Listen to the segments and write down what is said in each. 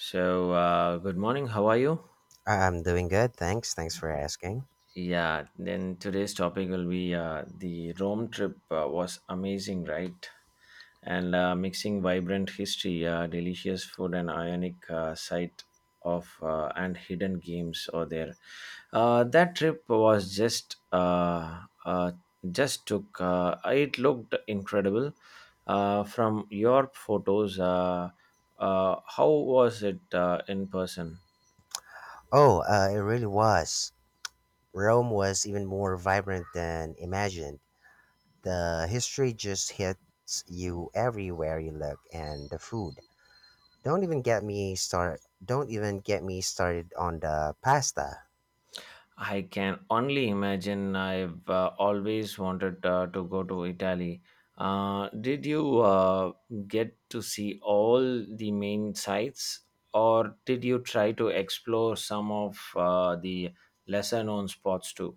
So, good morning. How are you? I'm doing good, thanks. Thanks for asking. Yeah, then today's topic will be the Rome trip was amazing, right? And mixing vibrant history, delicious food, and ionic sight of and hidden games over there. That trip was just took. It looked incredible. From your photos, how was it in person? Oh, it really was. Rome was even more vibrant than imagined. The history just hits you everywhere you look, and the food. Don't even get me start. Don't even get me started on the pasta. I can only imagine. I've always wanted to go to Italy. Did you get to see all the main sites, or did you try to explore some of the lesser known spots too?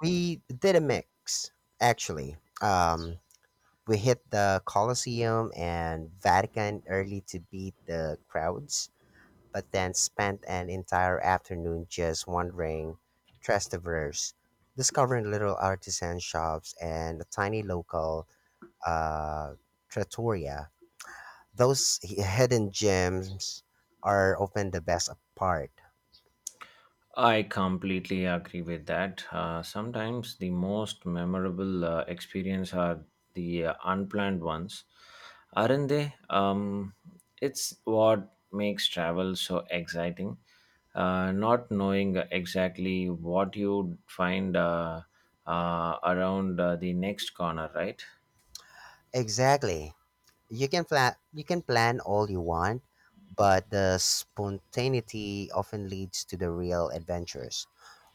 We did a mix, actually. We hit the Colosseum and Vatican early to beat the crowds, but then spent an entire afternoon just wandering Trastevere, discovering little artisan shops and a tiny local uh, trattoria. Those hidden gems are often the best part. I completely agree with that. Sometimes the most memorable experience are the unplanned ones, aren't they? It's what makes travel so exciting. Not knowing exactly what you'd find around the next corner, right? Exactly. You can plan all you want, but the spontaneity often leads to the real adventures.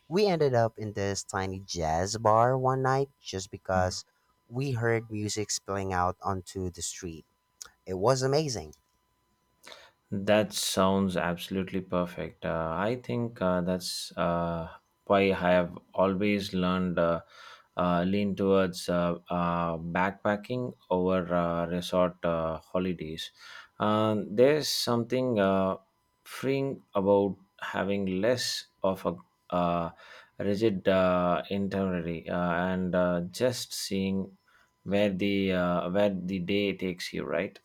We ended up in this tiny jazz bar one night just because we heard music spilling out onto the street. It was amazing. That sounds absolutely perfect. I think that's why I have always learned lean towards backpacking over resort holidays. There's something freeing about having less of a rigid itinerary and just seeing where the day takes you, right?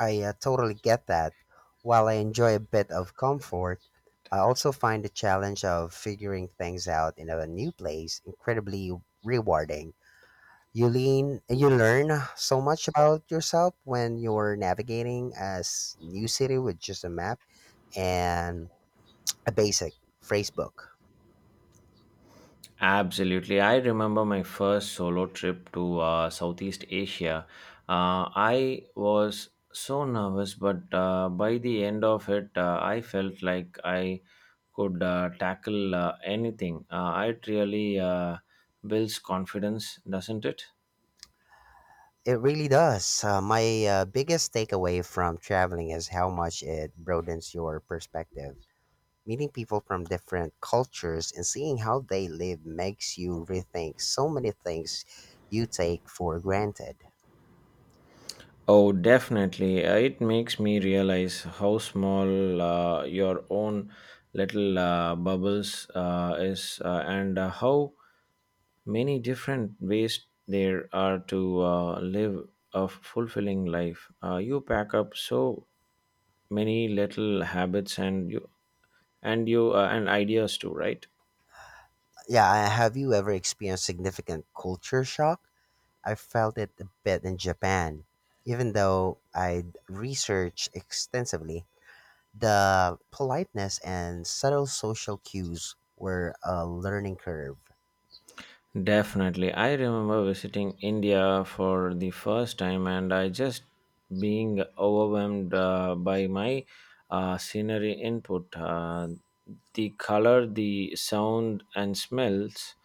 I totally get that. While I enjoy a bit of comfort, I also find the challenge of figuring things out in a new place incredibly rewarding. You learn so much about yourself when you're navigating a new city with just a map and a basic phrase book. Absolutely. I remember my first solo trip to Southeast Asia. I was so nervous, but by the end of it, I felt like I could tackle anything. It really builds confidence, doesn't it? It really does. My biggest takeaway from traveling is how much it broadens your perspective. Meeting people from different cultures and seeing how they live makes you rethink so many things you take for granted. Oh, definitely. It makes me realize how small your own little bubbles is and how many different ways there are to live a fulfilling life. You pack up so many little habits and you and ideas too, right? Yeah, have you ever experienced significant culture shock? I felt it a bit in Japan. Even though I researched extensively, the politeness and subtle social cues were a learning curve. Definitely. I remember visiting India for the first time and I just being overwhelmed by my scenery input. The color, the sound and smells.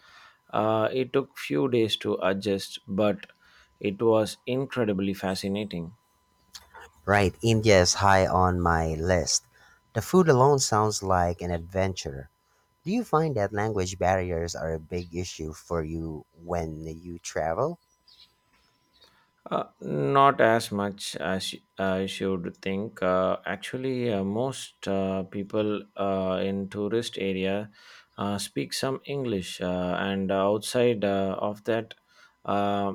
It took few days to adjust, but it was incredibly fascinating. Right, India is high on my list. The food alone sounds like an adventure. Do you find that language barriers are a big issue for you when you travel? Not as much as I should think. Actually, most people in tourist area speak some English, and outside of that, uh,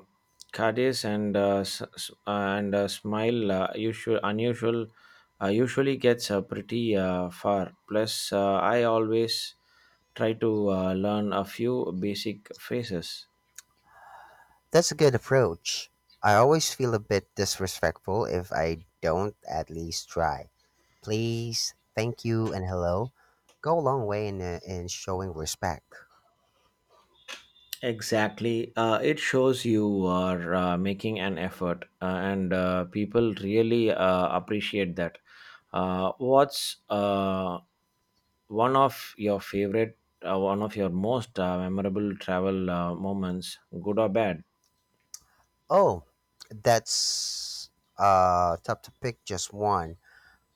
Cadiz and and Smile usual unusual usually gets pretty far. Plus, I always try to learn a few basic phrases. That's a good approach. I always feel a bit disrespectful if I don't at least try. Please, thank you, and hello go a long way in showing respect. Exactly. It shows you are making an effort, and people really appreciate that. What's one of your favorite, one of your most memorable travel moments, good or bad? Oh, that's tough to pick just one.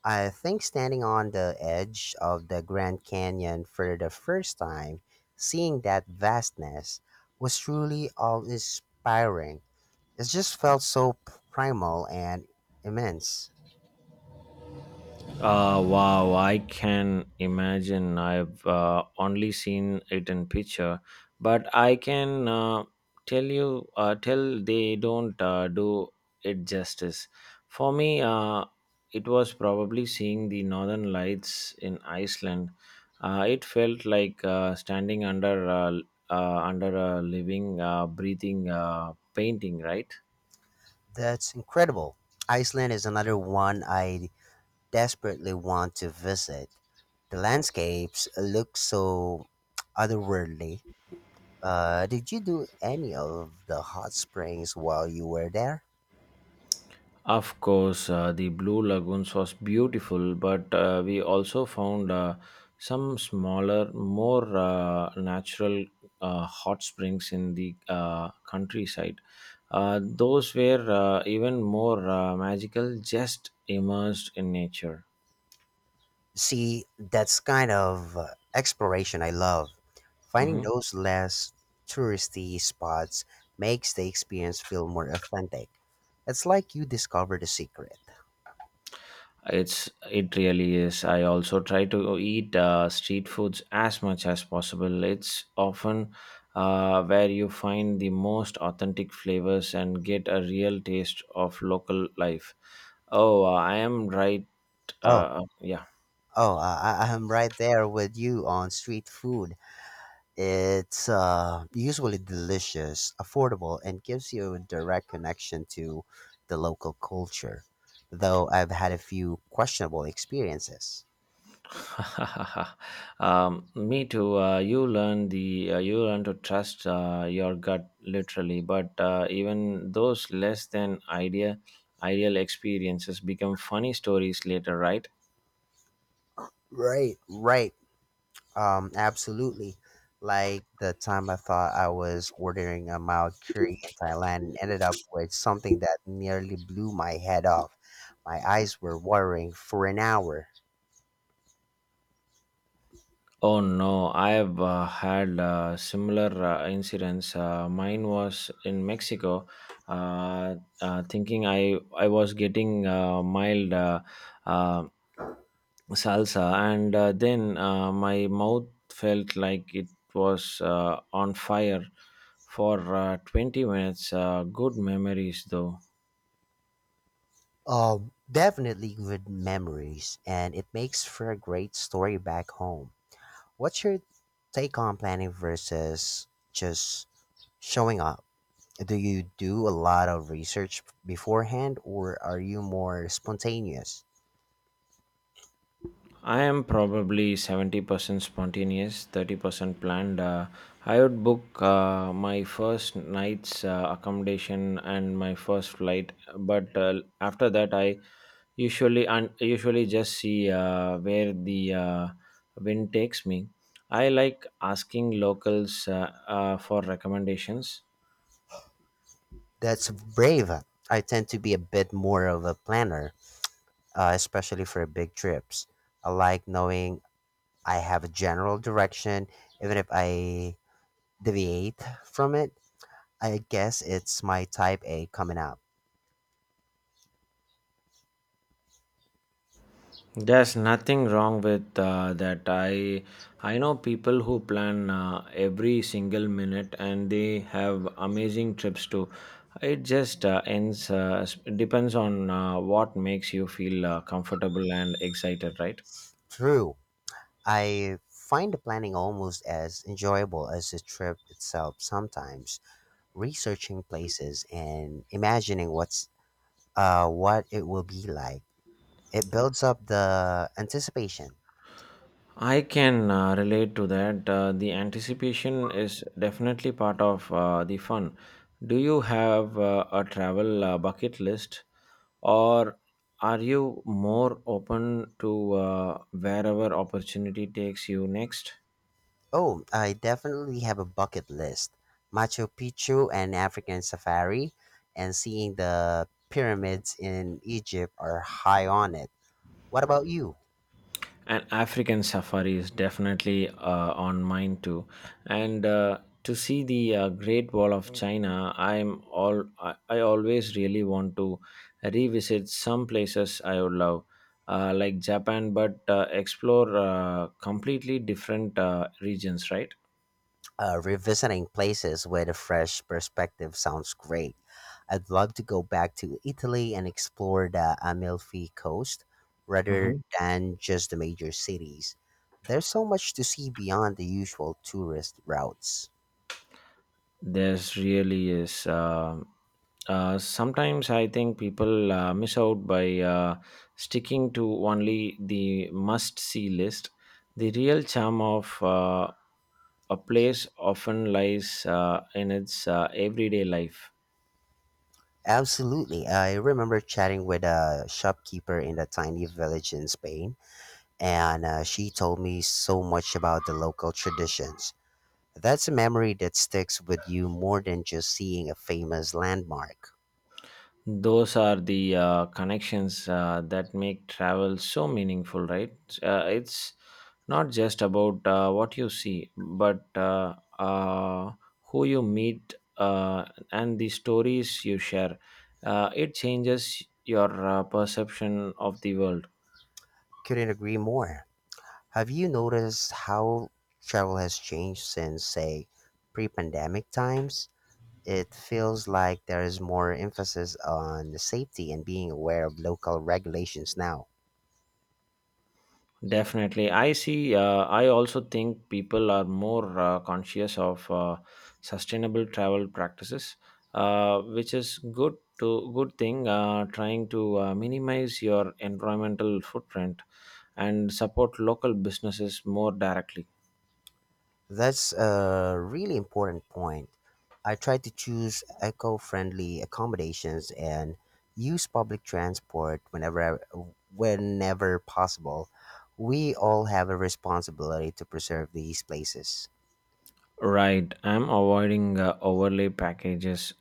I think standing on the edge of the Grand Canyon for the first time, seeing that vastness, was truly awe inspiring. It just felt so primal and immense. Wow, I can imagine. I've only seen it in picture, but I can tell they don't do it justice. For me, it was probably seeing the northern lights in Iceland. It felt like standing under under a living, breathing painting, right? That's incredible. Iceland is another one I desperately want to visit. The landscapes look so otherworldly. Did you do any of the hot springs while you were there? Of course, the Blue Lagoons was beautiful, but we also found some smaller, more natural hot springs in the countryside. Those were even more magical, just immersed in nature. See, that's kind of exploration I love. Finding Mhm. those less touristy spots makes the experience feel more authentic. It's like you discover the secret. It really is. I also try to eat street foods as much as possible. It's often where you find the most authentic flavors and get a real taste of local life. Oh, I am right. Oh, Yeah. I'm right there with you on street food. It's usually delicious, affordable, and gives you a direct connection to the local culture. Though I've had a few questionable experiences. Me too. You learn the you learn to trust your gut literally, but even those less than ideal experiences become funny stories later, right? Right, right. Absolutely. Like the time I thought I was ordering a mild curry in Thailand and ended up with something that nearly blew my head off. My eyes were watering for an hour. Oh no, I have had similar incidents. Mine was in Mexico, uh, thinking I was getting mild uh, salsa, and then my mouth felt like it was on fire for 20 minutes. Good memories though. Definitely good memories, and it makes for a great story back home. What's your take on planning versus just showing up? Do you do a lot of research beforehand, or are you more spontaneous? I am probably 70% spontaneous, 30% planned. I would book my first night's accommodation and my first flight, but after that, I usually just see where the wind takes me. I like asking locals for recommendations. That's brave. I tend to be a bit more of a planner, especially for big trips. I like knowing I have a general direction, even if I deviate from it. I guess it's my type A coming out. There's nothing wrong with that. I know people who plan every single minute and they have amazing trips too. It just depends on what makes you feel comfortable and excited, right? True. I find the planning almost as enjoyable as the trip itself sometimes. Researching places and imagining what it will be like. It builds up the anticipation. I can relate to that. The anticipation is definitely part of the fun. Do you have a travel bucket list, or are you more open to wherever opportunity takes you next? Oh, I definitely have a bucket list. Machu Picchu and African safari and seeing the pyramids in Egypt are high on it. What about you? And African safari is definitely on mine too. And to see the Great Wall of China, I always really want to revisit some places I would love, like Japan, but explore completely different regions, right? Revisiting places with a fresh perspective sounds great. I'd love to go back to Italy and explore the Amalfi Coast rather Mhm. than just the major cities. There's so much to see beyond the usual tourist routes. There's really is. Sometimes I think people miss out by sticking to only the must see list. The real charm of a place often lies in its everyday life. Absolutely. I remember chatting with a shopkeeper in a tiny village in Spain, and she told me so much about the local traditions. That's a memory that sticks with you more than just seeing a famous landmark. Those are the connections that make travel so meaningful, right? It's not just about what you see but who you meet and the stories you share. It changes your perception of the world. Couldn't agree more. Have you noticed how travel has changed since, say, pre pandemic times? It feels like there is more emphasis on safety and being aware of local regulations now. Definitely. I see. I also think people are more conscious of sustainable travel practices, which is good to good thing. Trying to minimize your environmental footprint and support local businesses more directly. That's a really important point. I try to choose eco friendly accommodations and use public transport whenever possible. We all have a responsibility to preserve these places. Right. I'm avoiding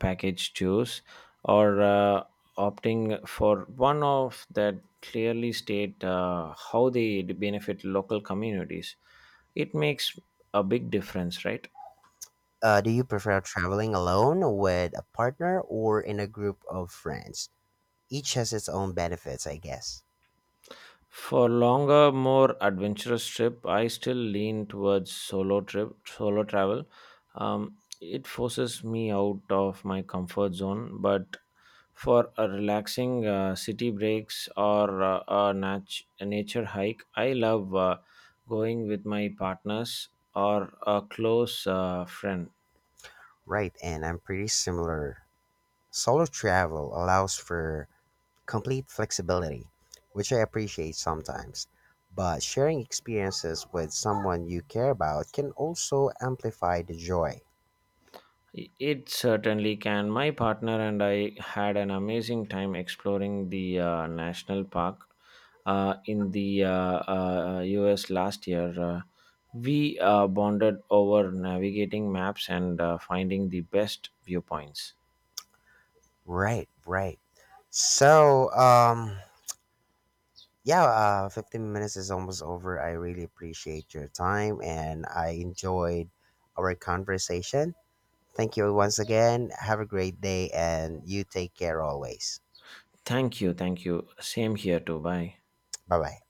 package tours, or opting for one of that clearly state how they benefit local communities. It makes a big difference, right? Do you prefer traveling alone, with a partner, or in a group of friends? Each has its own benefits, I guess. For longer, more adventurous trip, I still lean towards solo travel. It forces me out of my comfort zone, but for a relaxing city breaks or a nature hike, I love going with my partners or a close friend. Right, and I'm pretty similar. Solo travel allows for complete flexibility, which I appreciate sometimes. But sharing experiences with someone you care about can also amplify the joy. It certainly can. My partner and I had an amazing time exploring the national park in the US last year. We bonded over navigating maps and finding the best viewpoints. Right, right. So, yeah, 15 minutes is almost over. I really appreciate your time and I enjoyed our conversation. Thank you once again. Have a great day and you take care always. Thank you, thank you. Same here too. Bye. Bye bye.